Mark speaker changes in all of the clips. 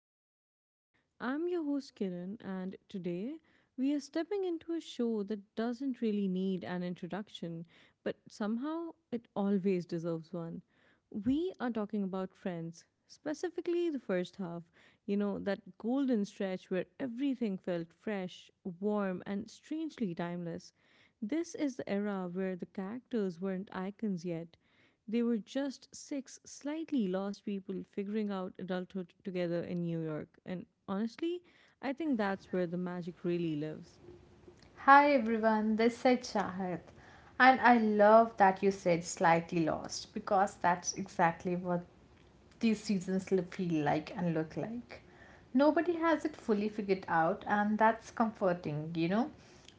Speaker 1: Mind Pod. I'm your host Kiran, and today we are stepping into a show that doesn't really need an introduction, but somehow it always deserves one. We are talking about friends, specifically the first half, you know, that golden stretch where everything felt fresh, warm, and strangely timeless. This is the era where the characters weren't icons yet, they were just six slightly lost people figuring out adulthood together in New York. And honestly, I think that's where the magic really lives.
Speaker 2: Hi everyone, this is Shahid, and I love that you said slightly lost because that's exactly what these seasons feel like and look like. Nobody has it fully figured out, and that's comforting, you know.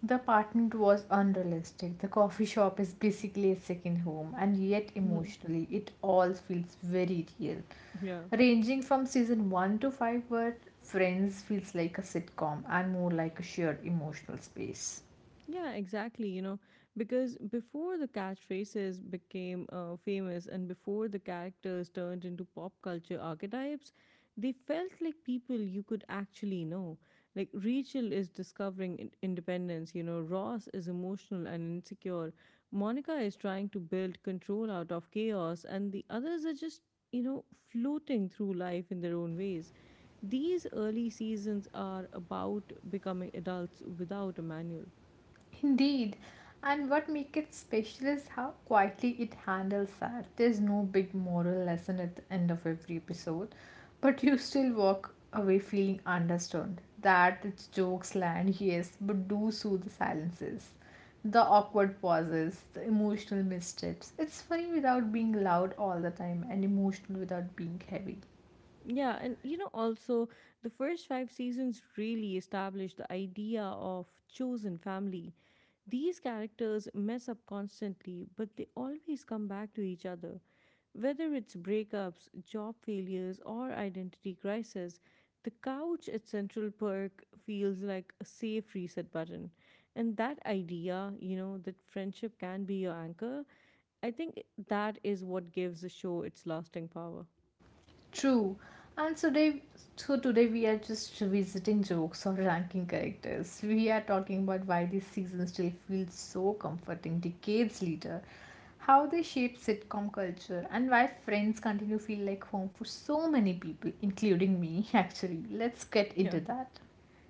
Speaker 2: The apartment was unrealistic, the coffee shop is basically a second home, and yet
Speaker 1: Mhm.
Speaker 2: emotionally, it all feels very real.
Speaker 1: Yeah.
Speaker 2: Ranging from season 1 to 5, where Friends feels like a sitcom and more like a shared emotional space.
Speaker 1: Yeah, exactly. You know, because before the catchphrases became famous and before the characters turned into pop culture archetypes, they felt like people you could actually know. Like Rachel is discovering independence, you know, Ross is emotional and insecure, Monica is trying to build control out of chaos, and the others are just, you know, floating through life in their own ways. These early seasons are about becoming adults without a manual.
Speaker 2: Indeed. And what makes it special is how quietly it handles that. There's no big moral lesson at the end of every episode, but you still walk away feeling understood. That its jokes land, yes, but do soothe the silences, the awkward pauses, the emotional missteps. It's funny without being loud all the time and emotional without being heavy.
Speaker 1: Yeah, and you know, also the first five seasons really establish the idea of chosen family. These characters mess up constantly, but they always come back to each other. Whether it's breakups, job failures, or identity crisis, the couch at Central Perk feels like a safe reset button. And that idea, you know, that friendship can be your anchor, I think that is what gives the show its lasting power.
Speaker 2: True. And so today, we are just revisiting jokes or ranking characters. We are talking about why this season still feels so comforting decades later, how they shape sitcom culture, and why Friends continue to feel like home for so many people, including me. Actually, let's get
Speaker 1: Yeah.
Speaker 2: into that.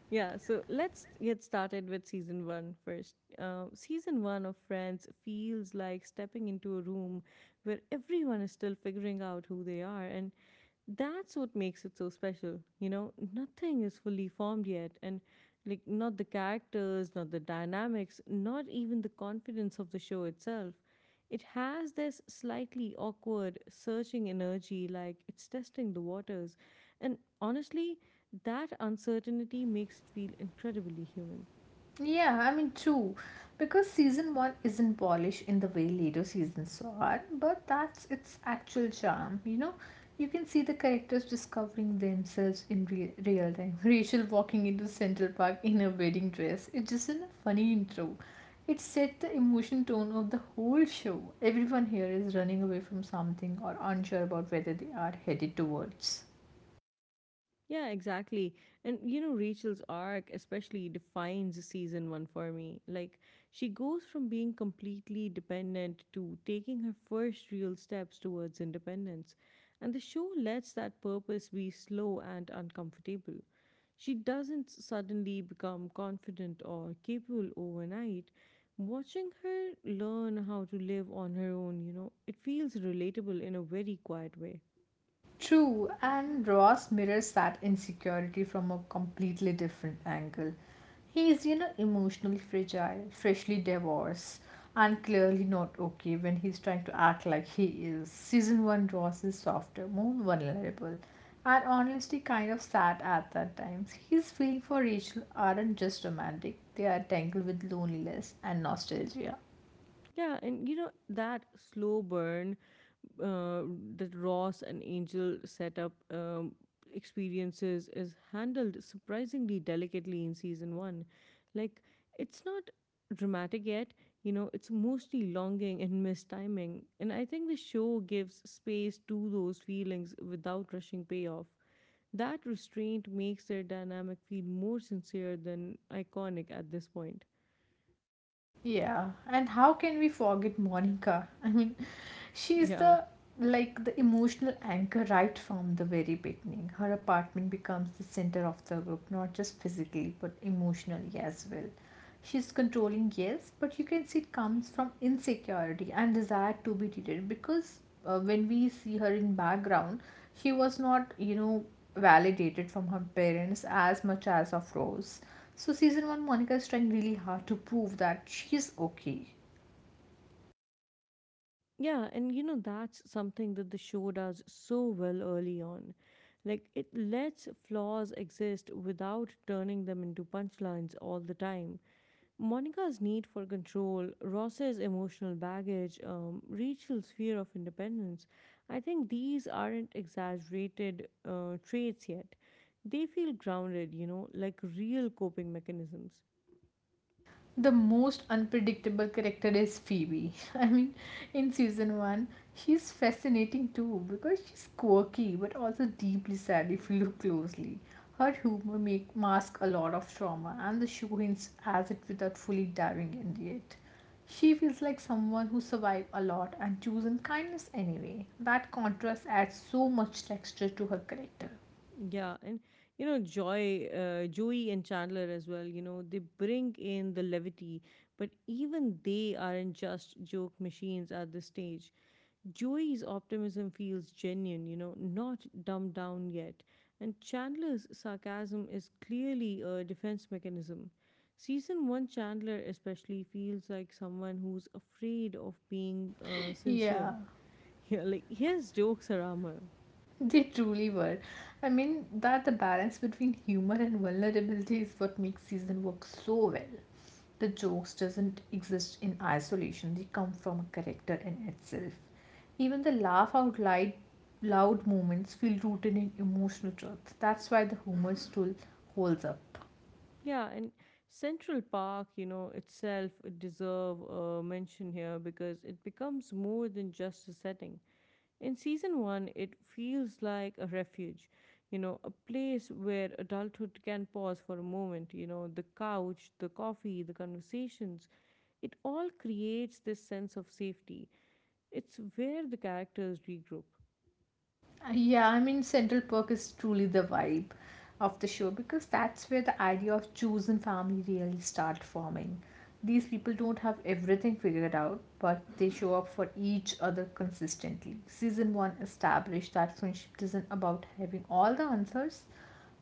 Speaker 1: Yeah, so let's get started with season one first. Season one of Friends feels like stepping into a room where everyone is still figuring out who they are, and that's what makes it so special, you know, nothing is fully formed yet, and like not the characters, not the dynamics, not even the confidence of the show itself. It has this slightly awkward searching energy, like it's testing the waters, and honestly, that uncertainty makes it feel incredibly human.
Speaker 2: Yeah, I mean, true. Because season one isn't polished in the way later seasons are, but that's its actual charm, you know? You can see the characters discovering themselves in real time. Rachel walking into Central Park in a wedding dress. It's just a funny intro. It set the emotion tone of the whole show. Everyone here is running away from something or unsure about whether they are headed towards.
Speaker 1: Yeah, exactly. And you know, Rachel's arc especially defines season one for me. Like, she goes from being completely dependent to taking her first real steps towards independence. And the show lets that purpose be slow and uncomfortable. She doesn't suddenly become confident or capable overnight. Watching her learn how to live on her own, you know, it feels relatable in a very quiet way.
Speaker 2: True, and Ross mirrors that insecurity from a completely different angle. He is, you know, emotionally fragile, freshly divorced, and clearly not okay when he's trying to act like he is. Season 1 Ross is softer, more vulnerable, and honestly kind of sad at that times. His feelings for Rachel aren't just romantic, they are tangled with loneliness and nostalgia.
Speaker 1: Yeah, and you know, that slow burn uh, that Ross and Angel set up experiences is handled surprisingly delicately in season one. Like, it's not dramatic yet, you know, it's mostly longing and mistiming. And I think the show gives space to those feelings without rushing payoff. That restraint makes their dynamic feel more sincere than iconic at this point.
Speaker 2: Yeah, and how can we forget Monica? I mean, she is
Speaker 1: Yeah.
Speaker 2: the like the emotional anchor right from the very beginning. Her apartment becomes the center of the group, not just physically, but emotionally as well. She's controlling, yes, but you can see it comes from insecurity and desire to be treated because when we see her in background, she was not, you know, validated from her parents as much as of Rose. So, season one, Monica is trying really hard to prove that she's okay.
Speaker 1: Yeah, and you know, that's something that the show does so well early on. Like, it lets flaws exist without turning them into punchlines all the time. Monica's need for control, Ross's emotional baggage, Rachel's fear of independence. I think these aren't exaggerated traits yet. They feel grounded, you know, like real coping mechanisms.
Speaker 2: The most unpredictable character is Phoebe. I mean, in season one, she's fascinating too because she's quirky but also deeply sad if you look closely. Her humor make mask a lot of trauma, and the show hints at it without fully diving into it. She feels like someone who survived a lot and chosen kindness anyway. That contrast adds so much texture to her character.
Speaker 1: Yeah, and you know Joey, and Chandler as well. You know they bring in the levity, but even they aren't just joke machines at this stage. Joey's optimism feels genuine. You know, not dumbed down yet, and Chandler's sarcasm is clearly a defense mechanism. Season one Chandler especially feels like someone who's afraid of being sincere.
Speaker 2: Yeah.
Speaker 1: Yeah, like his jokes are armor.
Speaker 2: They truly were. I mean, that the balance between humor and vulnerability is what makes season work so well. The jokes doesn't exist in isolation. They come from a character in itself. Even the laugh out loud moments feel rooted in emotional truth. That's why the humor still holds up.
Speaker 1: Yeah, and Central Park, you know, itself it deserve a mention here because it becomes more than just a setting. In season 1, it feels like a refuge, you know, a place where adulthood can pause for a moment, you know, the couch, the coffee, the conversations. It all creates this sense of safety. It's where the characters regroup.
Speaker 2: Yeah, I mean, Central Perk is truly the vibe of the show because that's where the idea of chosen family really start forming. These people don't have everything figured out, but they show up for each other consistently. Season 1 established that friendship isn't about having all the answers,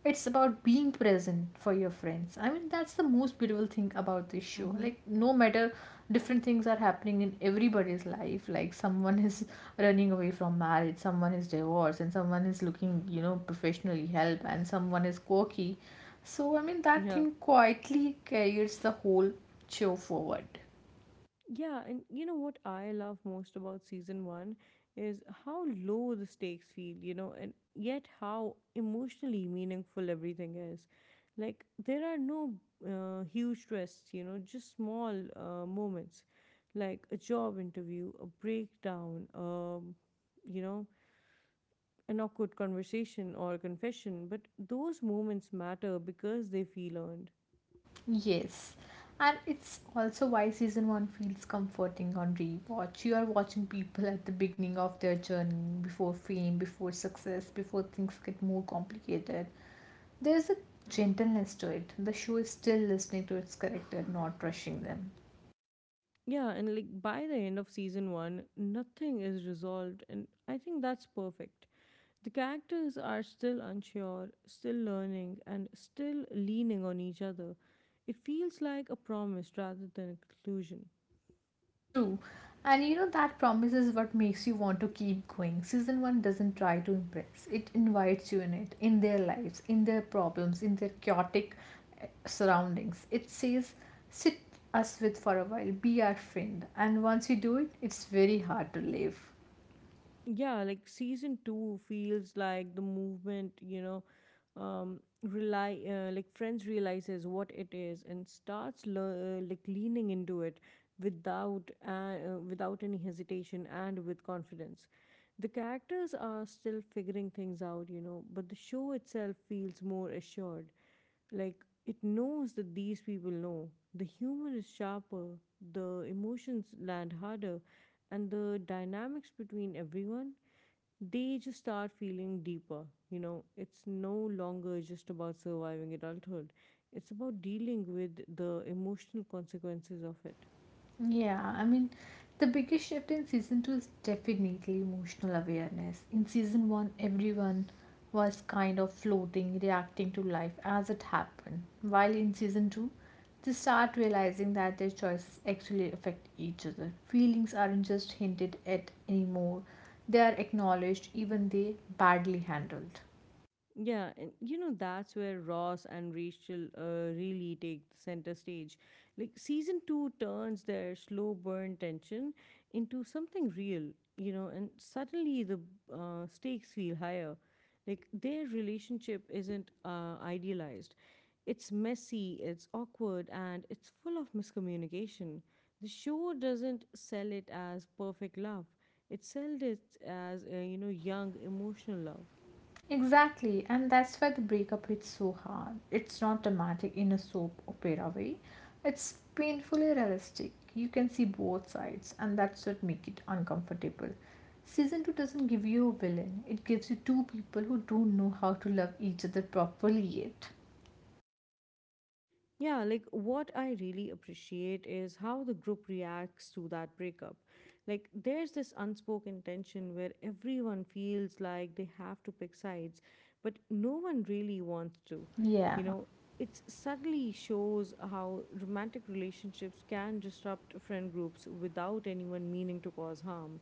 Speaker 2: it's about being present for your friends. I mean, that's the most beautiful thing about this show,
Speaker 1: Mm-hmm.
Speaker 2: like no matter different things are happening in everybody's life, like someone is running away from marriage, someone is divorced, and someone is looking, you know, professionally help, and someone is quirky. So I mean, that
Speaker 1: Yeah.
Speaker 2: thing quietly carries the whole show forward.
Speaker 1: Yeah, and you know what I love most about season one is how low the stakes feel, you know, and yet how emotionally meaningful everything is. Like, there are no huge twists, you know, just small moments like a job interview, a breakdown, you know, an awkward conversation or confession. But those moments matter because they feel earned.
Speaker 2: Yes, and it's also why season one feels comforting on rewatch. You are watching people at the beginning of their journey, before fame, before success, before things get more complicated. There's a gentleness to it. The show is still listening to its character, not rushing them.
Speaker 1: Yeah, and like by the end of season one, nothing is resolved, and I think that's perfect. The characters are still unsure, still learning, and still leaning on each other. It feels like a promise rather than a conclusion.
Speaker 2: True. And you know that promise is what makes you want to keep going. Season 1 doesn't try to impress. It invites you in it, in their lives, in their problems, in their chaotic surroundings. It says, sit us with for a while, be our friend. And once you do it, it's very hard to leave.
Speaker 1: Yeah, like season two feels like the movement, you know, rely like friends realizes what it is and starts like leaning into it without uh, without any hesitation and with confidence. The characters are still figuring things out, you know, but the show itself feels more assured. Like it knows that these people know. The humor is sharper, the emotions land harder, and the dynamics between everyone, they just start feeling deeper. You know, it's no longer just about surviving adulthood, it's about dealing with the emotional consequences of it.
Speaker 2: Yeah, I mean, the biggest shift in season two is definitely emotional awareness. In season one, everyone was kind of floating, reacting to life as it happened, while in season two, they start realizing that their choices actually affect each other. Feelings aren't just hinted at anymore, they are acknowledged, even they badly handled.
Speaker 1: Yeah, and you know that's where Ross and Rachel really take the center stage. Like season 2 turns their slow burn tension into something real, you know, and suddenly the stakes feel higher. Like their relationship isn't idealized. It's messy, it's awkward, and it's full of miscommunication. The show doesn't sell it as perfect love. It sells it as, you know, young emotional love.
Speaker 2: Exactly, and that's why the breakup hits so hard. It's not dramatic in a soap opera way, it's painfully realistic. You can see both sides, and that's what makes it uncomfortable. Season 2 doesn't give you a villain, it gives you two people who don't know how to love each other properly yet.
Speaker 1: Yeah, like what I really appreciate is how the group reacts to that breakup. Like, there's this unspoken tension where everyone feels like they have to pick sides, but no one really wants to.
Speaker 2: Yeah,
Speaker 1: You know, it subtly shows how romantic relationships can disrupt friend groups without anyone meaning to cause harm.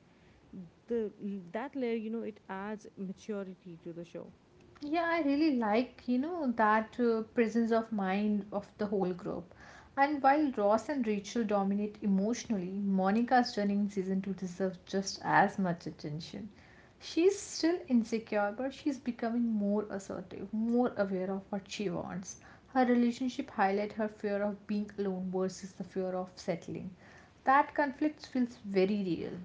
Speaker 1: The that layer, you know, it adds maturity to the show.
Speaker 2: yeah, I really like, you know, that presence of mind of the whole group. And while Ross and Rachel dominate emotionally, Monica's journey season 2 deserves just as much attention. She's still insecure, but she's becoming more assertive, more aware of what she wants. Her relationship highlight her fear of being alone versus the fear of settling. That conflict feels very real.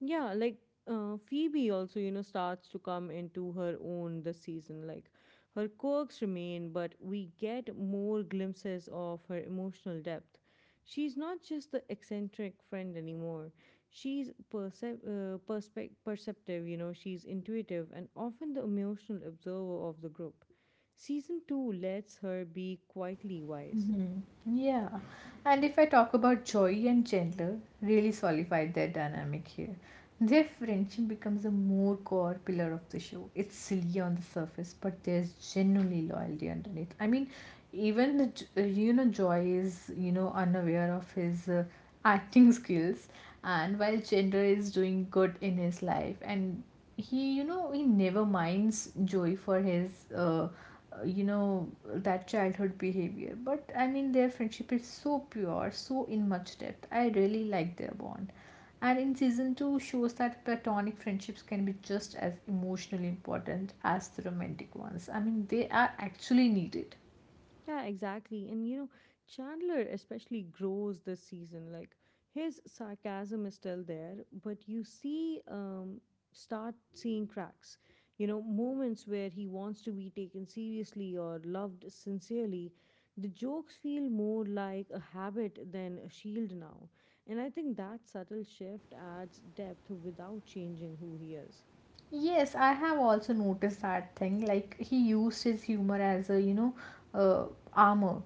Speaker 1: Yeah, like Phoebe also, you know, starts to come into her own this season. Like her quirks remain, but we get more glimpses of her emotional depth. She's not just the eccentric friend anymore. She's percep- perspec perceptive, you know, she's intuitive and often the emotional observer of the group. Season 2 lets her be quietly wise.
Speaker 2: Mhm. Yeah. And if I talk about Joy and Chandler, really solidified their dynamic here. Their friendship becomes a more core pillar of the show. It's silly on the surface, but there's genuinely loyalty underneath. I mean, even the you know, Joy is, you know, unaware of his acting skills, and while Chandra is doing good in his life, and he, you know, he never minds Joy for his you know, that childhood behavior. But I mean, their friendship is so pure, so in much depth. I really like their bond, and in season 2 shows that platonic friendships can be just as emotionally important as the romantic ones. I mean, they are actually needed.
Speaker 1: Yeah, exactly. And you know, Chandler especially grows this season. Like his sarcasm is still there, but you start seeing cracks. You know, moments where he wants to be taken seriously or loved sincerely. The jokes feel more like a habit than a shield now. And I think that subtle shift adds depth without changing who he is.
Speaker 2: Yes, I have also noticed that thing. Like he used his humor as a, you know, uh, armor.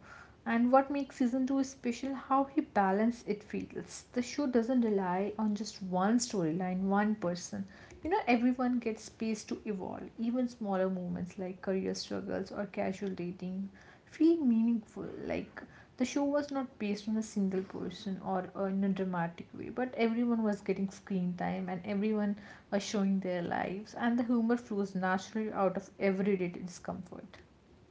Speaker 2: And what makes season two special, how he balanced it feels. The show doesn't rely on just one storyline, one person. You know, everyone gets space to evolve. Even smaller moments like career struggles or casual dating feel meaningful. Like the show was not based on a single person or, in a dramatic way, but everyone was getting screen time and everyone are showing their lives, and the humor flows naturally out of everyday discomfort.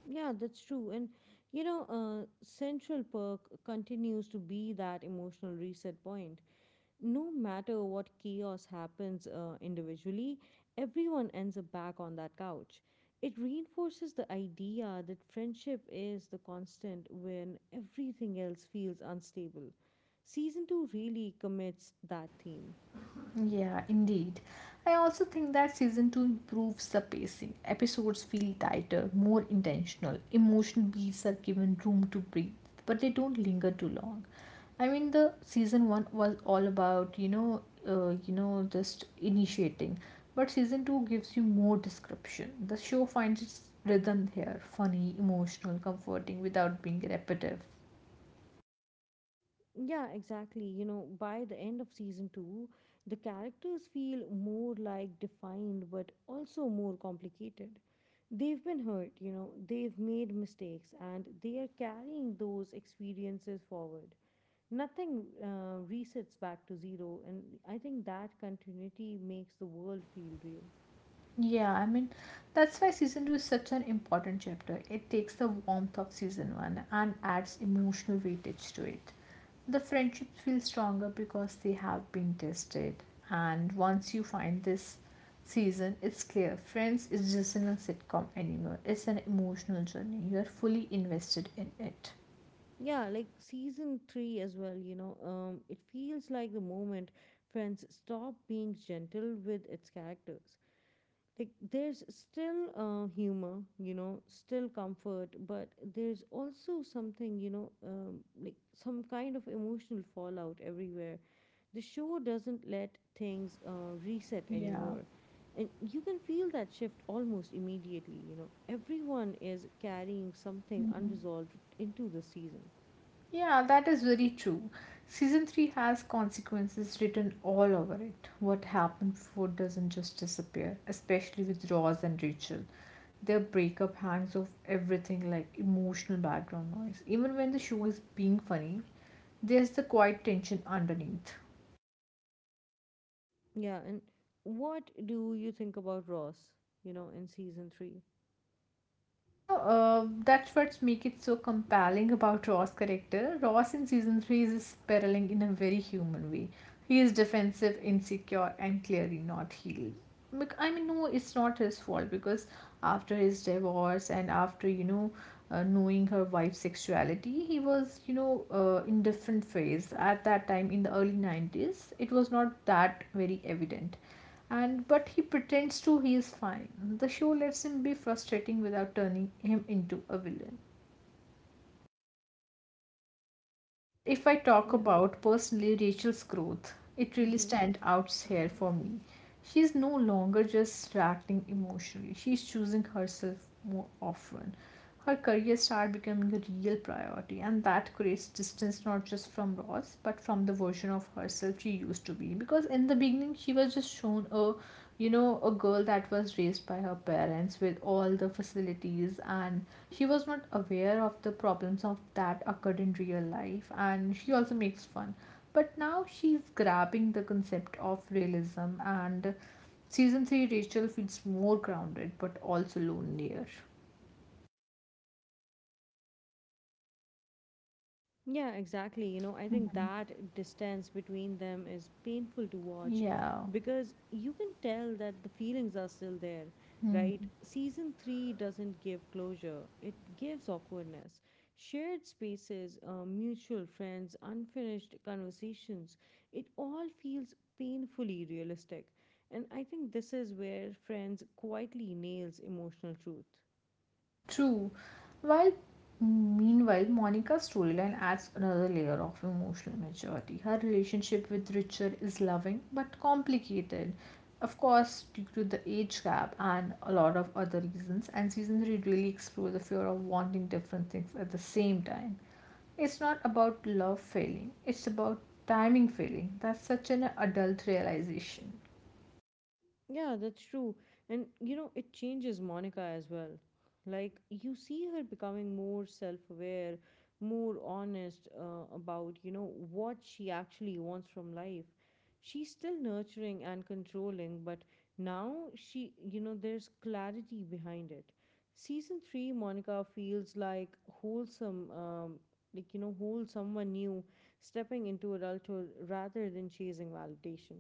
Speaker 1: Yeah, that's true. And you know, Central Perk continues to be that emotional reset point. No matter what chaos happens individually, everyone ends up back on that couch. It reinforces the idea that friendship is the constant when everything else feels unstable. Season 2 really commits that theme.
Speaker 2: Yeah, indeed. I also think that season 2 improves the pacing. Episodes feel tighter, more intentional. Emotional beats are given room to breathe, but they don't linger too long. I mean, the season 1 was all about, you know, just initiating. But season 2 gives you more description. The show finds its rhythm here, funny, emotional, comforting without being repetitive.
Speaker 1: Yeah, exactly. You know, by the end of season two, the characters feel more like defined but also more complicated. They've been hurt, you know, they've made mistakes and they are carrying those experiences forward. Nothing resets back to zero, and I think that continuity makes the world feel real.
Speaker 2: Yeah, I mean, that's why season two is such an important chapter. It takes the warmth of season one and adds emotional weightage to it. The friendships feel stronger because they have been tested. And once you find this season, it's clear Friends is just in a sitcom anymore. It's an emotional journey. You are fully invested in it.
Speaker 1: Yeah, like season three as well, you know, it feels like the moment Friends stop being gentle with its characters. Like there's still humor, you know, still comfort, but there's also something, you know, like some kind of emotional fallout everywhere. The show doesn't let things reset
Speaker 2: Yeah.
Speaker 1: anymore, and you can feel that shift almost immediately. You know, everyone is carrying something unresolved into the season.
Speaker 2: Yeah, that is very true. Season 3 has consequences written all over it. What happened before doesn't just disappear, especially with Ross and Rachel. Their breakup hangs off everything like emotional background noise. Even when the show is being funny, there's the quiet tension underneath.
Speaker 1: Yeah, and what do you think about Ross, you know, in season 3?
Speaker 2: You know, that's what makes it so compelling about Ross' character. Ross in season 3 is spiraling in a very human way. He is defensive, insecure, and clearly not healed. I mean, no, it's not his fault because after his divorce and after, you know, knowing her wife's sexuality, he was, you know, in different phase. At that time, in the early 90s, it was not that very evident. And but he pretends to he is fine. The show lets him be frustrating without turning him into a villain. And if I talk about personally Rachel's growth, it really
Speaker 1: Yeah.
Speaker 2: stands out here for me. She's no longer just reacting emotionally, she's choosing herself more often. Her career started becoming a real priority, and that creates distance not just from Ross but from the version of herself she used to be. Because in the beginning, she was just shown a, you know, a girl that was raised by her parents with all the facilities and she was not aware of the problems of that occurred in real life, and she also makes fun, but now she's grabbing the concept of realism, and season 3 Rachel feels more grounded but also lonelier.
Speaker 1: Yeah, exactly. You know, I think that distance between them is painful to watch
Speaker 2: Yeah.
Speaker 1: because you can tell that the feelings are still there,
Speaker 2: Hmm.
Speaker 1: right? Season 3 doesn't give closure, it gives awkwardness. Shared spaces, mutual friends, unfinished conversations, it all feels painfully realistic. And I think this is where Friends quietly nails emotional truth.
Speaker 2: True. While meanwhile, Monica's storyline adds another layer of emotional maturity. Her relationship with Richard is loving but complicated. Of course, due to the age gap and a lot of other reasons, and season 3 really explores the fear of wanting different things at the same time. It's not about love failing, it's about timing failing. That's such an adult realization.
Speaker 1: Yeah, that's true. And you know, it changes Monica as well. Like, you see her becoming more self aware, more honest about, you know, what she actually wants from life. She's still nurturing and controlling, but now she, you know, there's clarity behind it. Season three, Monica feels like wholesome, like, you know, whole someone new stepping into adulthood rather than chasing validation.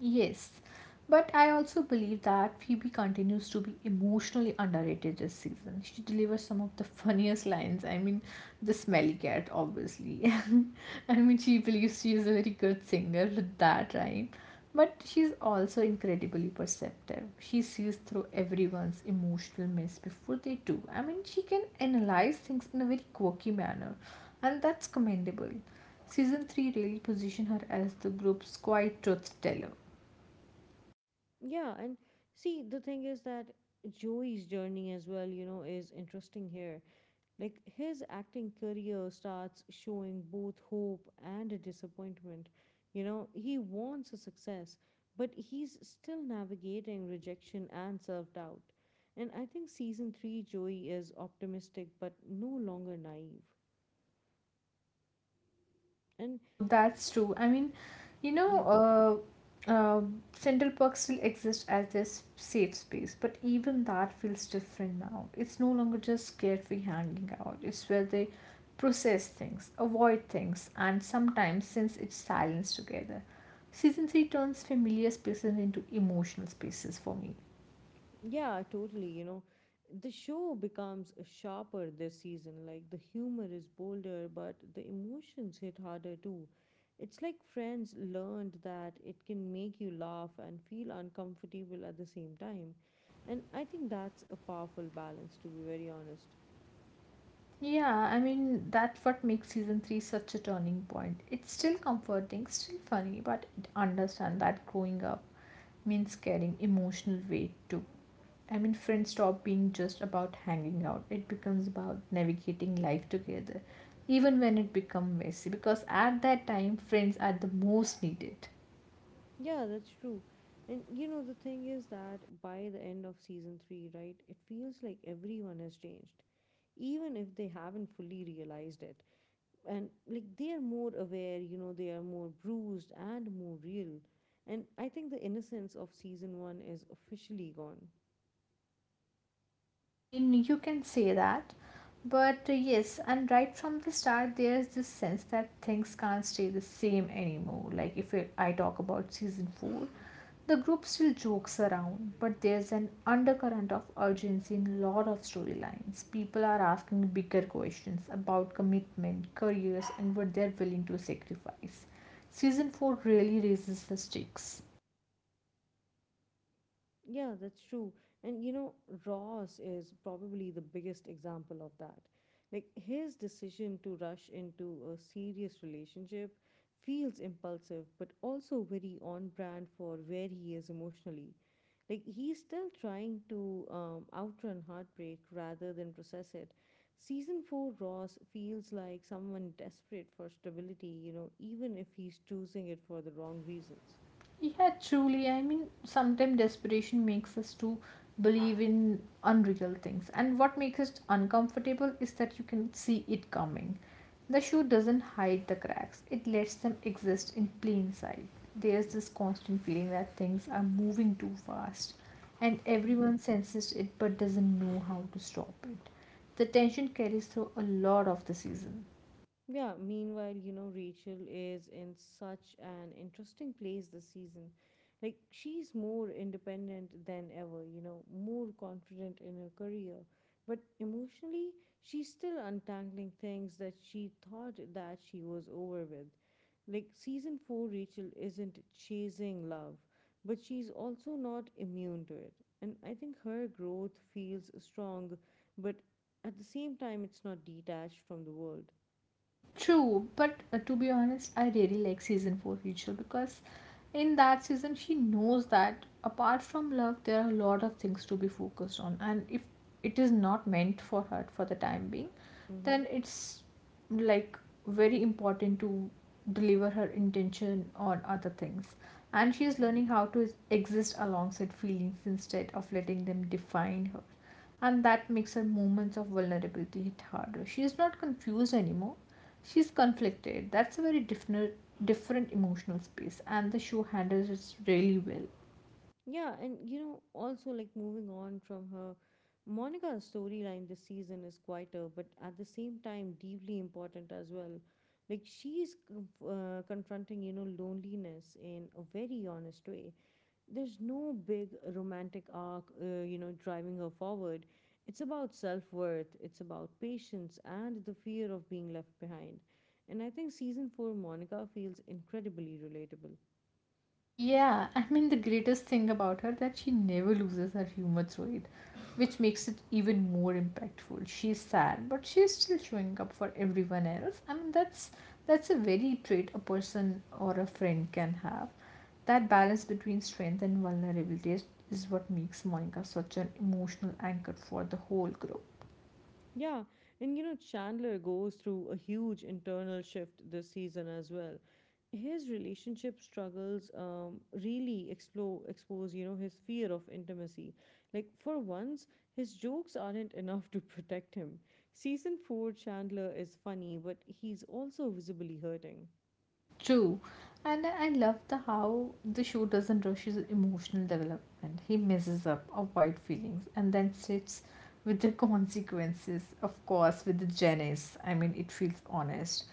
Speaker 2: Yes, but I also believe that Phoebe continues to be emotionally underrated this season. She delivers some of the funniest lines. I mean, the smelly cat, obviously. I mean, she believes she is a very good singer with that rhyme. But she's also incredibly perceptive. She sees through everyone's emotional mess before they do. I mean, she can analyze things in a very quirky manner, and that's commendable. Season 3 really positioned her as the group's quiet truth teller.
Speaker 1: Yeah, and see, the thing is that Joey's journey as well, you know, is interesting here. Like, his acting career starts showing both hope and a disappointment. You know, he wants a success, but he's still navigating rejection and self doubt. And I think season three, Joey is optimistic but no longer naive. And
Speaker 2: True, that's true. I mean, you know,
Speaker 1: yeah,
Speaker 2: uh, uh, Central Park still exists as this safe space, but even that feels different now. It's no longer just carefree hanging out, it's where they process things, avoid things, and sometimes sense its silence together. Season 3 turns familiar spaces into emotional spaces for me.
Speaker 1: Yeah, totally. You know, the show becomes sharper this season. Like the humor is bolder, but the emotions hit harder too. It's like Friends learned that it can make you laugh and feel uncomfortable at the same time. And I think that's a powerful balance, to be very honest.
Speaker 2: Yeah, I mean, that's what makes season 3 such a turning point. It's still comforting, still funny, but it understands that growing up means carrying emotional weight too. I mean, friends stop being just about hanging out, it becomes about navigating life together, even when it becomes messy, because at that time, friends are the most needed.
Speaker 1: Yeah, that's true. And you know, the thing is that by the end of season three, right, it feels like everyone has changed, even if they haven't fully realized it. And like they are more aware, you know, they are more bruised and more real. And I think the innocence of season 1 is officially gone.
Speaker 2: I mean, you can say that. But yes, and right from the start, there's this sense that things can't stay the same anymore. Like, if it- I talk about season 4, the group still jokes around, but there's an undercurrent of urgency in a lot of storylines. People are asking bigger questions about commitment, careers, and what they're willing to sacrifice. Season 4 really raises the stakes.
Speaker 1: Yeah, that's true. And you know, Ross is probably the biggest example of that. Like, his decision to rush into a serious relationship feels impulsive, but also very on brand for where he is emotionally. Like, he's still trying to outrun heartbreak rather than process it. Season 4 Ross feels like someone desperate for stability, you know, even if he's choosing it for the wrong reasons.
Speaker 2: Yeah, truly. I mean, sometimes desperation makes us to believe in unreal things. And what makes it uncomfortable is that you can see it coming. The shoe doesn't hide the cracks, it lets them exist in plain sight. There's this constant feeling that things are moving too fast, and everyone senses it but doesn't know how to stop it. The tension carries through a lot of the season.
Speaker 1: Yeah, meanwhile, you know, Rachel is in such an interesting place this season. Like, she's more independent than ever, you know, more confident in her career. But emotionally, she's still untangling things that she thought that she was over with. Like, season four, Rachel isn't chasing love, but she's also not immune to it. And I think her growth feels strong, but at the same time, it's not detached from the world.
Speaker 2: True, but to be honest, I really like season 4 Rachel because in that season she knows that apart from love there are a lot of things to be focused on, and if it is not meant for her for the time being,
Speaker 1: Mm-hmm.
Speaker 2: then it's like very important to deliver her intention on other things, and she is
Speaker 1: Mhm.
Speaker 2: learning how to exist alongside feelings instead of letting them define her, and that makes her moments of vulnerability hit harder. She is not confused anymore. She's conflicted. That's a very different emotional space, and the show handles it really well.
Speaker 1: Yeah, and you know, also like moving on from her, Monica's storyline this season is quieter, but at the same time, deeply important as well. Like confronting, you know, loneliness in a very honest way. There's no big romantic arc, you know, driving her forward. It's about self worth, it's about patience, and the fear of being left behind. And I think season four, Monica feels incredibly relatable.
Speaker 2: Yeah, I mean the greatest thing about her that she never loses her humor through it, which makes it even more impactful. She's sad, but she's still showing up for everyone else. I mean that's a very trait a person or a friend can have. That balance between strength and vulnerability is what makes Monica such an emotional anchor for the whole group.
Speaker 1: Yeah, and you know, Chandler goes through a huge internal shift this season as well. His relationship struggles really expose, you know, his fear of intimacy. Like, for once, his jokes aren't enough to protect him. Season 4 Chandler is funny, but he's also visibly hurting.
Speaker 2: True. And I love the how the show doesn't rush his emotional development. He messes up, avoid feelings, and then sits with the consequences. Of course, with the Janice. I mean, it feels honest.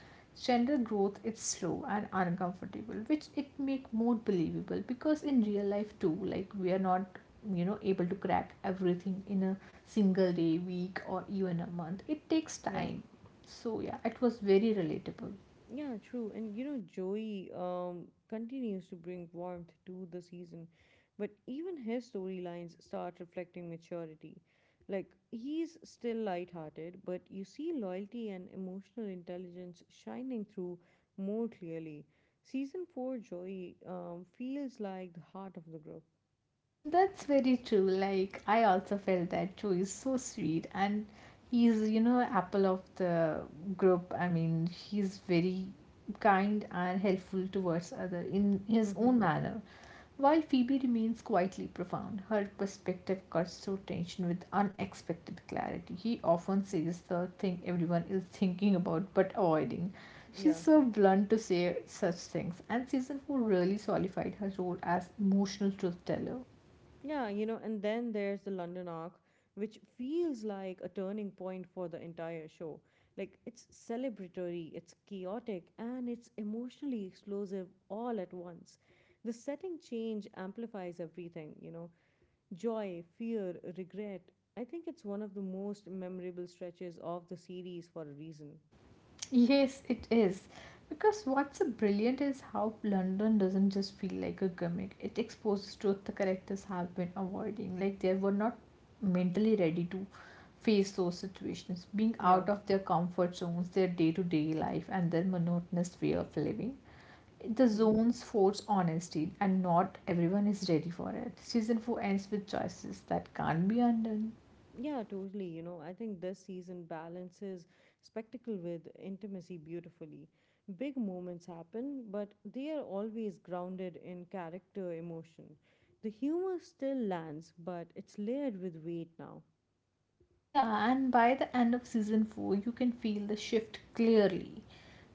Speaker 2: Gender growth is slow and uncomfortable, which it make more believable because in real life too, like we are not you know able to crack everything in a single day, week, or even a month. It takes
Speaker 1: Yeah.
Speaker 2: time. So yeah, it was very relatable.
Speaker 1: Yeah, true. And you know, Joey continues to bring warmth to the season, but even his storylines start reflecting maturity. Like, he's still lighthearted, but you see loyalty and emotional intelligence shining through more clearly. Season 4 Joey feels like the heart of the group.
Speaker 2: That's very true. Like I also felt that too. He's so sweet and he's, you know, apple of the group. I mean, he's very kind and helpful towards other in his
Speaker 1: Mm-hmm.
Speaker 2: own manner. While Phoebe remains quietly profound, her perspective cuts through tension with unexpected clarity. He often says the thing everyone is thinking about but avoiding. She's
Speaker 1: Yeah.
Speaker 2: so blunt to say such things, and season 4 really solidified her role as emotional truth teller.
Speaker 1: Yeah, you know, and then there's the London arc, which feels like a turning point for the entire show. Like, it's celebratory, it's chaotic, and it's emotionally explosive all at once. The setting change amplifies everything, you know, joy, fear, regret. I think it's one of the most memorable stretches of the series for a reason.
Speaker 2: Yes, it is. Because what's so brilliant is how London doesn't just feel like a gimmick. It exposes truth the characters have been avoiding. Like they were not mentally ready to face those situations. Being
Speaker 1: Yeah.
Speaker 2: out of their comfort zones, their day to day life, and their monotonous way of living. The zones force honesty, and not everyone is ready for it. Season 4 ends with choices that can't be undone.
Speaker 1: Yeah, totally. You know, I think this season balances spectacle with intimacy beautifully. Big moments happen, but they are always grounded in character emotion. The humor still lands, but it's layered with weight now.
Speaker 2: Yeah, and by the end of season 4, you can feel the shift clearly.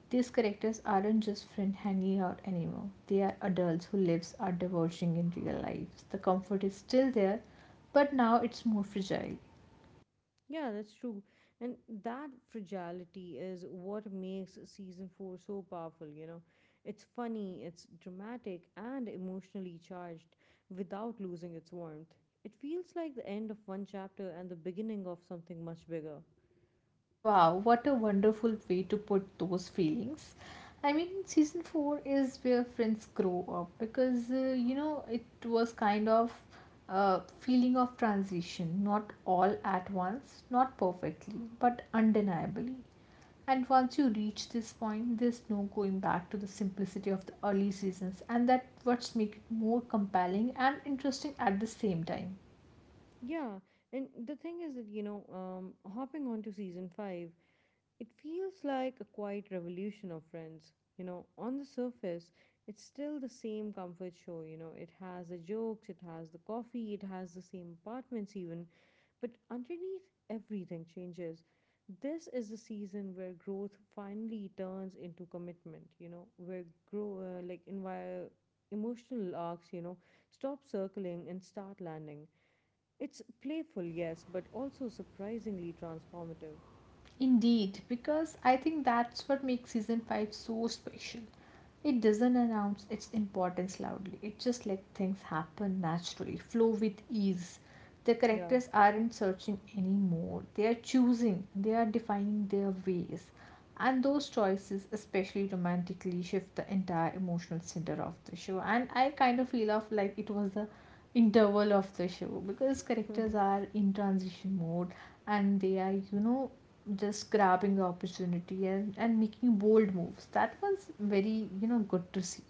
Speaker 2: These characters aren't just friends hanging out anymore. They are adults whose lives are diverging in real life. The comfort is still there, but now it's more fragile.
Speaker 1: Yeah, that's true. And that fragility is what makes season four so powerful, you know. It's funny, it's dramatic, and emotionally charged without losing its warmth. It feels like the end of one chapter and the beginning of something much bigger.
Speaker 2: Wow, what a wonderful way to put those feelings. I mean, season 4 is where friends grow up because you know it was kind of a feeling of transition, not all at once, not perfectly, but undeniably. And once you reach this point, there's no going back to the simplicity of the early seasons, and that what's make it more compelling and interesting at the same time.
Speaker 1: Yeah, and the thing is that, hopping on to season 5, it feels like a quiet revolution of friends. You know, on the surface, it's still the same comfort show. You know, it has the jokes, it has the coffee, it has the same apartments, even. But underneath, everything changes. This is the season where growth finally turns into commitment, you know, where grow uh, like envi- emotional arcs, you know, stop circling and start landing. It's playful, yes, but also surprisingly transformative.
Speaker 2: Indeed, because I think that's what makes season 5 so special. It doesn't announce its importance loudly, it just lets things happen naturally, flow with ease. The
Speaker 1: Yeah.
Speaker 2: characters aren't searching anymore, they are choosing, they are defining their ways, and those choices, especially romantically, shift the entire emotional center of the show. And I kind of feel of like it was the interval of the show because characters are in transition mode, and they are, you know, just grabbing the opportunity and, making bold moves. That was very, you know, good to see.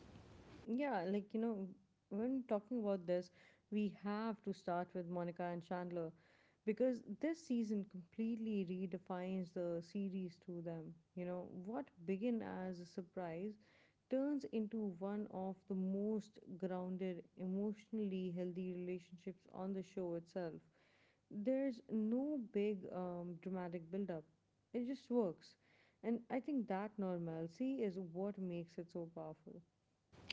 Speaker 1: Yeah, like you know, when talking about this, we have to start with Monica and Chandler because this season completely redefines the series to them. You know, what began as a surprise turns into one of the most grounded, emotionally healthy relationships on the show itself. There's no big dramatic buildup, it just works. And I think that normalcy is what makes it so powerful.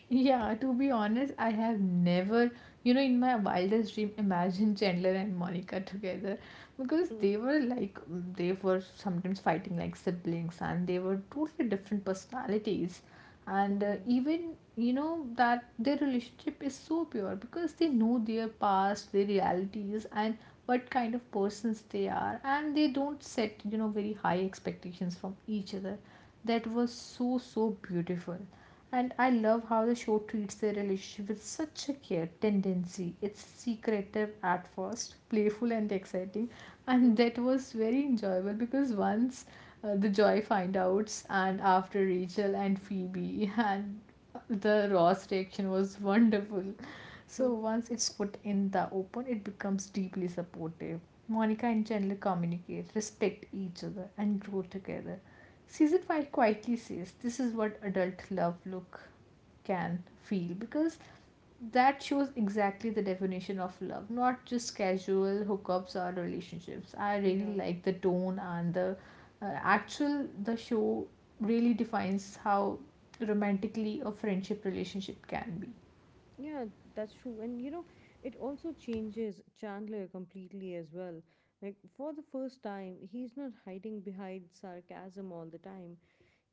Speaker 2: Yeah, to be honest, I have never, you know, in my wildest dream, imagined Chandler and Monica together because they were like, they were sometimes fighting like siblings and they were totally different personalities. And even, you know, that their relationship is so pure because they know their past, their realities, and what kind of persons they are. And they don't set, you know, very high expectations from each other. That was so, so beautiful, and I love how the show treats their relationship with such a care tendency. It's secretive at first, playful and exciting, and
Speaker 1: Hmm.
Speaker 2: that was very enjoyable because once the Joy find outs, and after Rachel and Phoebe, and the Ross reaction was wonderful. So once it's put in the open, it becomes deeply supportive. Monica and Chandler communicate, respect each other, and grow together. Season 5 quietly says this is what adult love look can feel because that shows exactly the definition of love, not just casual hookups or relationships. I really
Speaker 1: Yeah.
Speaker 2: like the tone and the actual the show really defines how romantically a friendship relationship can be.
Speaker 1: Yeah, that's true. And you know, it also changes Chandler completely as well. Like, for the first time, he's not hiding behind sarcasm all the time.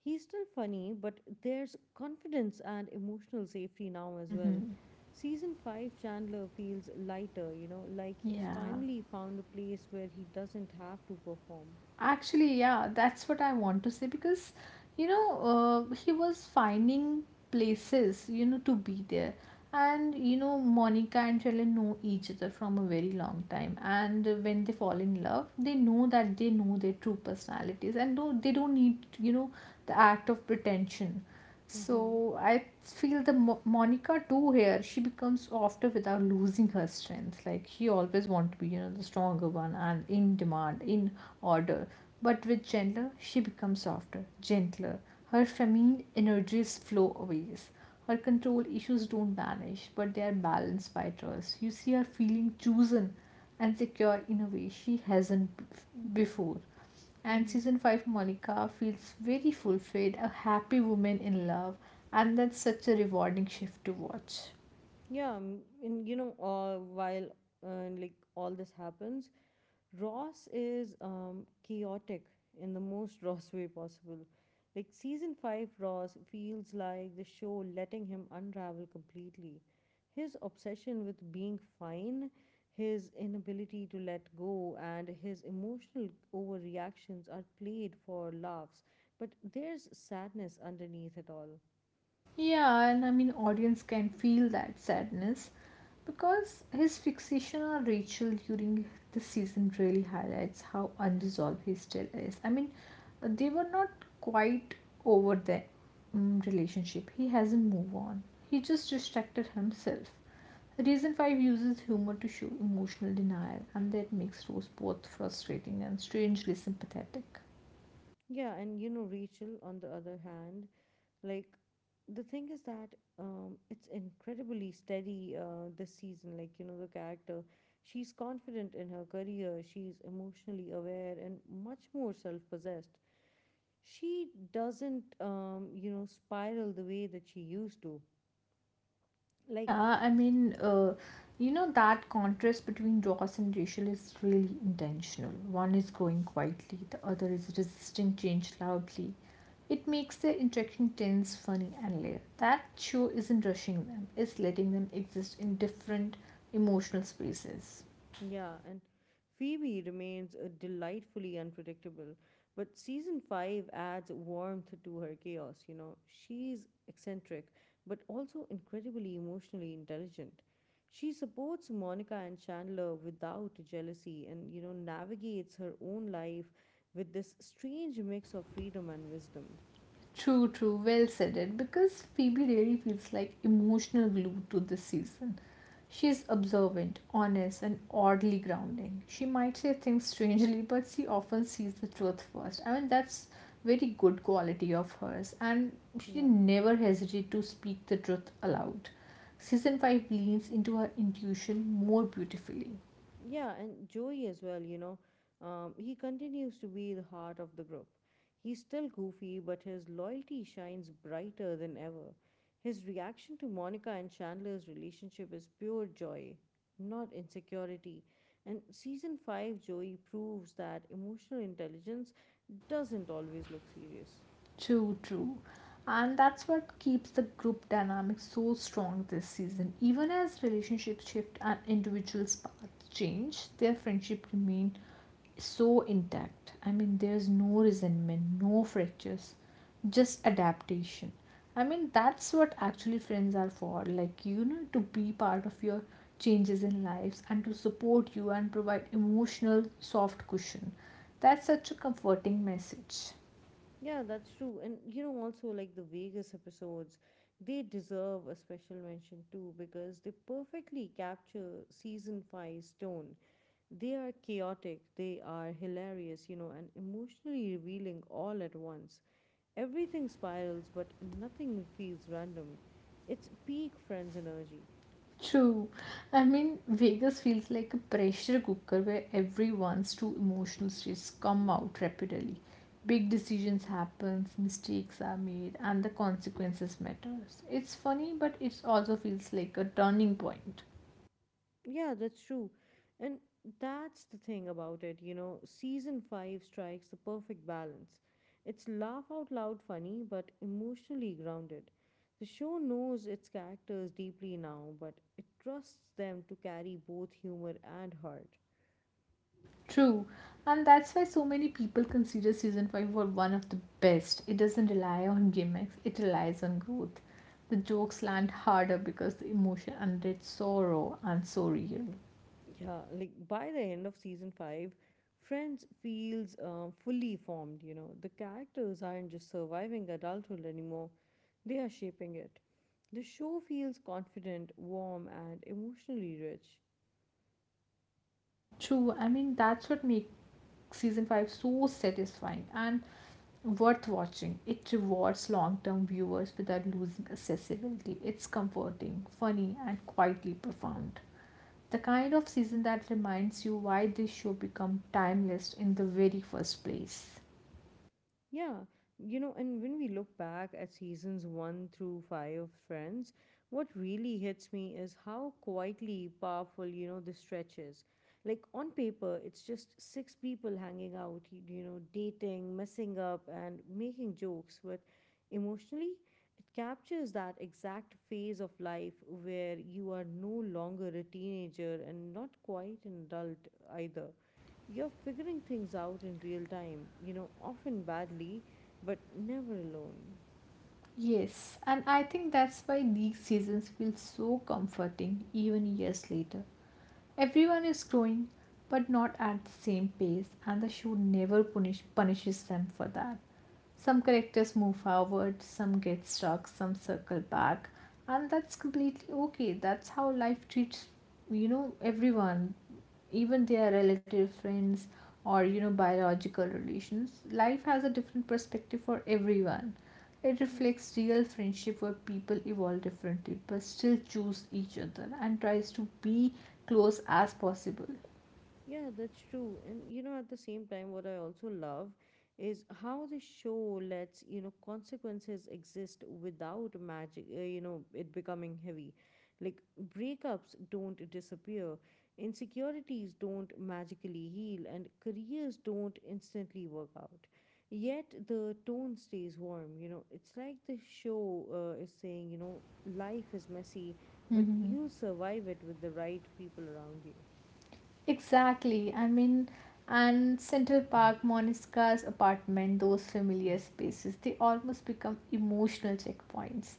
Speaker 1: He's still funny, but there's confidence and emotional safety now as well.
Speaker 2: Hmm.
Speaker 1: Season 5 Chandler feels lighter, you know, like he's
Speaker 2: Yeah.
Speaker 1: finally found a place where he doesn't have to perform.
Speaker 2: Actually, yeah, that's what I want to say because, you know, he was finding places, you know, to be there. And, you know, Monica and Shailen know each other from a very long time. And when they fall in love, they know that they know their true personalities and no, they don't need, you know, the act of pretension.
Speaker 1: Mm-hmm.
Speaker 2: So I feel the Monica too here. She becomes softer without losing her strength. Like she always want to be, you know, the stronger one and in demand, in order. But with Chandler, she becomes softer, gentler. Her feminine energies flow away. Her control issues don't vanish, but they are balanced by trust. You see her feeling chosen and secure in a way she hasn't before. And
Speaker 1: Mm-hmm.
Speaker 2: season 5 Monica feels very fulfilled, a happy woman in love, and that's such a rewarding shift to watch.
Speaker 1: Yeah, and you know, while like all this happens, Ross is chaotic in the most Ross way possible. Like season 5 Ross feels like the show letting him unravel completely. His obsession with being fine, his inability to let go, and his emotional overreactions are played for laughs, but there's sadness underneath it all.
Speaker 2: Yeah, and I mean, audience can feel that sadness because his fixation on Rachel during the season really highlights how unresolved he still is. I mean, they were not quite over the relationship. He hasn't moved on. He just distracted himself. Reason 5 uses humor to show emotional denial, and that makes Rose both frustrating and strangely sympathetic.
Speaker 1: Yeah, and you know, Rachel, on the other hand, like the thing is that it's incredibly steady this season. Like you know, the character, she's confident in her career. She's emotionally aware and much more self-possessed. She doesn't, you know, spiral the way that she used to. Like,
Speaker 2: Yeah, I mean, you know, that contrast between Ross and Rachel is really intentional. One is growing quietly, the other is resisting change loudly. It makes their interaction tense, funny, and layered. That show isn't rushing them, it's letting them exist in different emotional spaces.
Speaker 1: yeah, and Phoebe remains delightfully unpredictable, but season 5 adds warmth to her chaos, you know. She's eccentric, but also incredibly emotionally intelligent. She supports Monica and Chandler without jealousy and, you know, navigates her own life with this strange mix of freedom and wisdom.
Speaker 2: True, true. Well said it. Because Phoebe really feels like emotional glue to this season. She is observant, honest, and oddly grounding. She might say things strangely, but she often sees the truth first. I mean, that's very good quality of hers, and she
Speaker 1: Yeah.
Speaker 2: never hesitates to speak the truth aloud. Season 5 leans into her intuition more beautifully.
Speaker 1: Yeah, and Joey as well, you know, he continues to be the heart of the group. He's still goofy, but his loyalty shines brighter than ever. His reaction to Monica and Chandler's relationship is pure joy, not insecurity. And season 5 Joey proves that emotional intelligence doesn't always look serious.
Speaker 2: True, true. And that's what keeps the group dynamic so strong this season. Even as relationships shift and individuals' paths change, their friendship remain so intact. I mean, there's no resentment, no fractures, just adaptation. I mean, that's what actually friends are for. Like, you know, to be part of your changes in lives and to support you and provide emotional soft cushion. That's such a comforting message.
Speaker 1: Yeah, that's true. And you know, also like the Vegas episodes, they deserve a special mention too because they perfectly capture season five's tone. They are chaotic, they are hilarious, you know, and emotionally revealing all at once. Everything spirals, but nothing feels random. It's peak Friends energy.
Speaker 2: True. I mean, Vegas feels like a pressure cooker where everyone's true emotional states come out rapidly. Big decisions happen, mistakes are made, and the consequences matters. It's funny, but it also feels like a turning point.
Speaker 1: Yeah, that's true. And that's the thing about it, you know, season 5 strikes the perfect balance. It's laugh out loud funny, but emotionally grounded. The show knows its characters deeply now, but it trusts them to carry both humor and heart.
Speaker 2: True. And that's why so many people consider season 5 for one of the best. It doesn't rely on gimmicks, it relies on growth. The jokes land harder because the emotion under it's so raw and so real.
Speaker 1: Yeah, like by the end of season 5, Friends feels fully formed, you know. The characters aren't just surviving adulthood anymore, they are shaping it. The show feels confident, warm, and emotionally rich.
Speaker 2: Yeah, true. I mean, that's what makes season 5 so satisfying and worth watching. It rewards long term viewers without losing accessibility. It's comforting, funny, and quietly profound. The kind of season that reminds you why this show became timeless in the very first place.
Speaker 1: Yeah, you know, and when we look back at seasons one through five of Friends, what really hits me is how quietly powerful, you know, the stretch is. Like on paper, it's just six people hanging out, you know, dating, messing up, and making jokes, but emotionally, it captures that exact phase of life where you are no longer a teenager and not quite an adult either. You're figuring things out in real time, you know, often badly, but never alone.
Speaker 2: Yes, and I think that's why these seasons feel so comforting even years later. Everyone is growing, but not at the same pace, and the show never punishes them for that. Some characters move forward, some get stuck, some circle back, and that's completely okay. That's how life treats, you know, everyone, even their relative friends or, you know, biological relations. Life has a different perspective for everyone. It reflects real friendship where people evolve differently but still choose each other and tries to be close as possible.
Speaker 1: Yeah, that's true. And you know, at the same time, what I also love is how the show lets, you know, consequences exist without magic, you know, it becoming heavy. Like breakups don't disappear, insecurities don't magically heal, and careers don't instantly work out. Yet the tone stays warm, you know. It's like the show is saying, you know, life is messy, but you'll survive it with the right people around you.
Speaker 2: Exactly. I mean, and Central Park, Moniska's apartment, those familiar spaces, they almost become emotional checkpoints.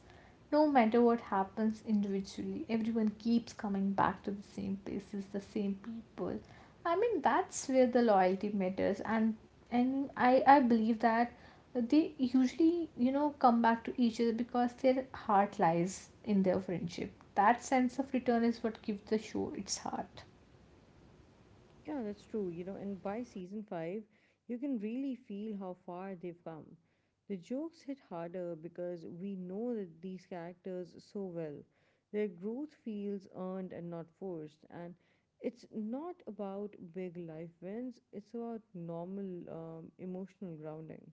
Speaker 2: No matter what happens individually, everyone keeps coming back to the same places, the same people. I mean, that's where the loyalty matters, and I believe that they usually, you know, come back to each other because their heart lies in their friendship. That sense of return is what gives the show its heart.
Speaker 1: Yeah, that's true. You know, and by season 5, you can really feel how far they've come. The jokes hit harder because we know that these characters so well. Their growth feels earned and not forced. And it's not about big life wins, it's about normal emotional grounding.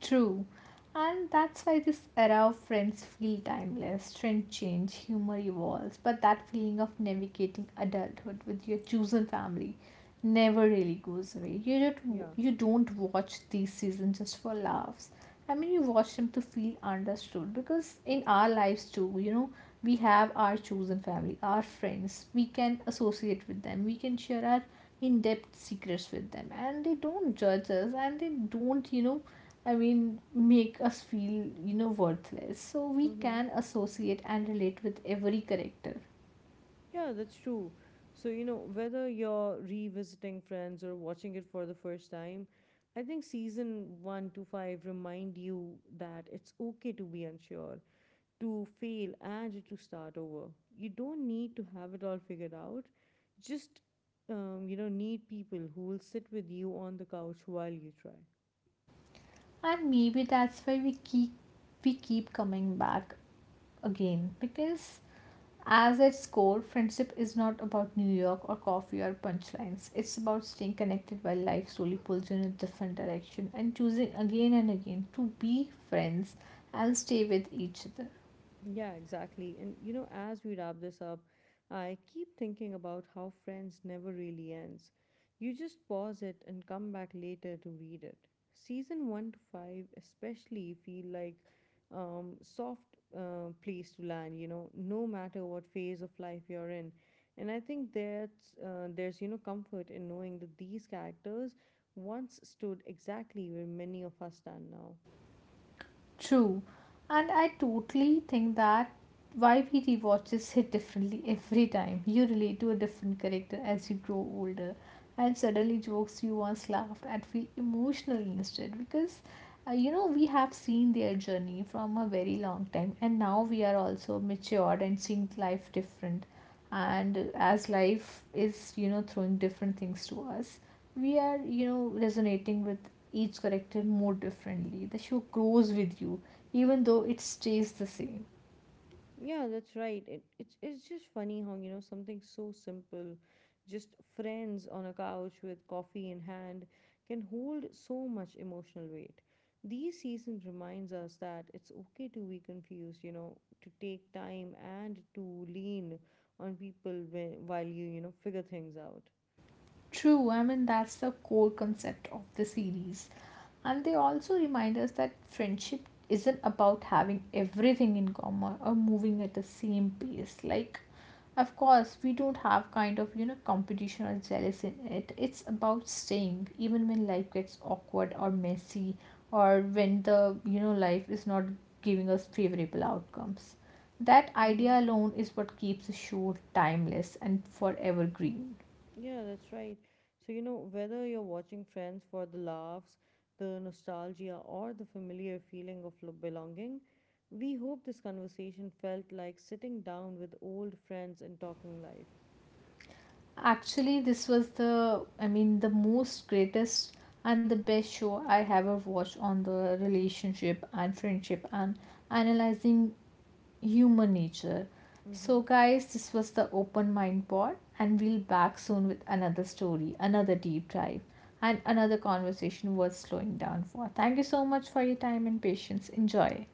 Speaker 2: True. And that's why this era of friends feel timeless. Trend change, humor evolves, but that feeling of navigating adulthood with your chosen family never really goes away. You don't
Speaker 1: Yeah.
Speaker 2: you don't watch these seasons just for laughs. I mean, you watch them to feel understood because in our lives too, you know, we have our chosen family, our friends. We can associate with them. We can share our in-depth secrets with them, and they don't judge us, and they don't, you know, I mean, make us feel, you know, worthless. So we
Speaker 1: Mm-hmm.
Speaker 2: can associate and relate with every character.
Speaker 1: Yeah, that's true. So, you know, whether you're revisiting friends or watching it for the first time, I think season 1 to 5 remind you that it's okay to be unsure, to fail and to start over. You don't need to have it all figured out. Just you know, need people who will sit with you on the couch while you try.
Speaker 2: And maybe that's why we keep coming back again because as its core, friendship is not about New York or coffee or punchlines. It's about staying connected while life slowly pulls you in a different direction and choosing again and again to be friends and stay with each other.
Speaker 1: Yeah, exactly. And you know, as we wrap this up, I keep thinking about how Friends never really ends. You just pause it and come back later to read it. Season 1 to 5 especially feel like soft place to land, you know, no matter what phase of life you're in. And I think that's there's you know comfort in knowing that these characters once stood exactly where many of us stand now.
Speaker 2: True. And I totally think that why we rewatches hit differently every time. You relate to a different character as you grow older, and suddenly jokes you once laughed at feel emotional instead because you know, we have seen their journey from a very long time, and now we are also matured and seeing life different. And as life is, you know, throwing different things to us, we are, you know, resonating with each character more differently. The show grows with you, even though it stays the same.
Speaker 1: Yeah, that's right. It's just funny how you know something so simple, just friends on a couch with coffee in hand, can hold so much emotional weight. These seasons reminds us that it's okay to be confused. You know, to take time and to lean on people when, while you know figure things out.
Speaker 2: True, I mean, that's the core concept of the series. And they also remind us that friendship isn't about having everything in common or moving at the same pace. Like, of course, we don't have kind of, you know, competition or jealousy in it. It's about staying, even when life gets awkward or messy, or when the, you know, life is not giving us favorable outcomes. That
Speaker 1: Mm-hmm.
Speaker 2: idea alone is what keeps the show timeless and forever green.
Speaker 1: Yeah, that's right. So, you know, whether you're watching Friends for the laughs, the nostalgia, or the familiar feeling of belonging, we hope this conversation felt like sitting down with old friends and talking life.
Speaker 2: Actually, this was the, I mean, the most greatest and the best show I have ever watched on the relationship and friendship and analyzing human nature. So,
Speaker 1: Mm-hmm.
Speaker 2: guys, this was the Open Mind Pod, and we'll back soon with another story, another deep dive, and another conversation worth slowing down for. Thank you so much for your time and patience. Enjoy.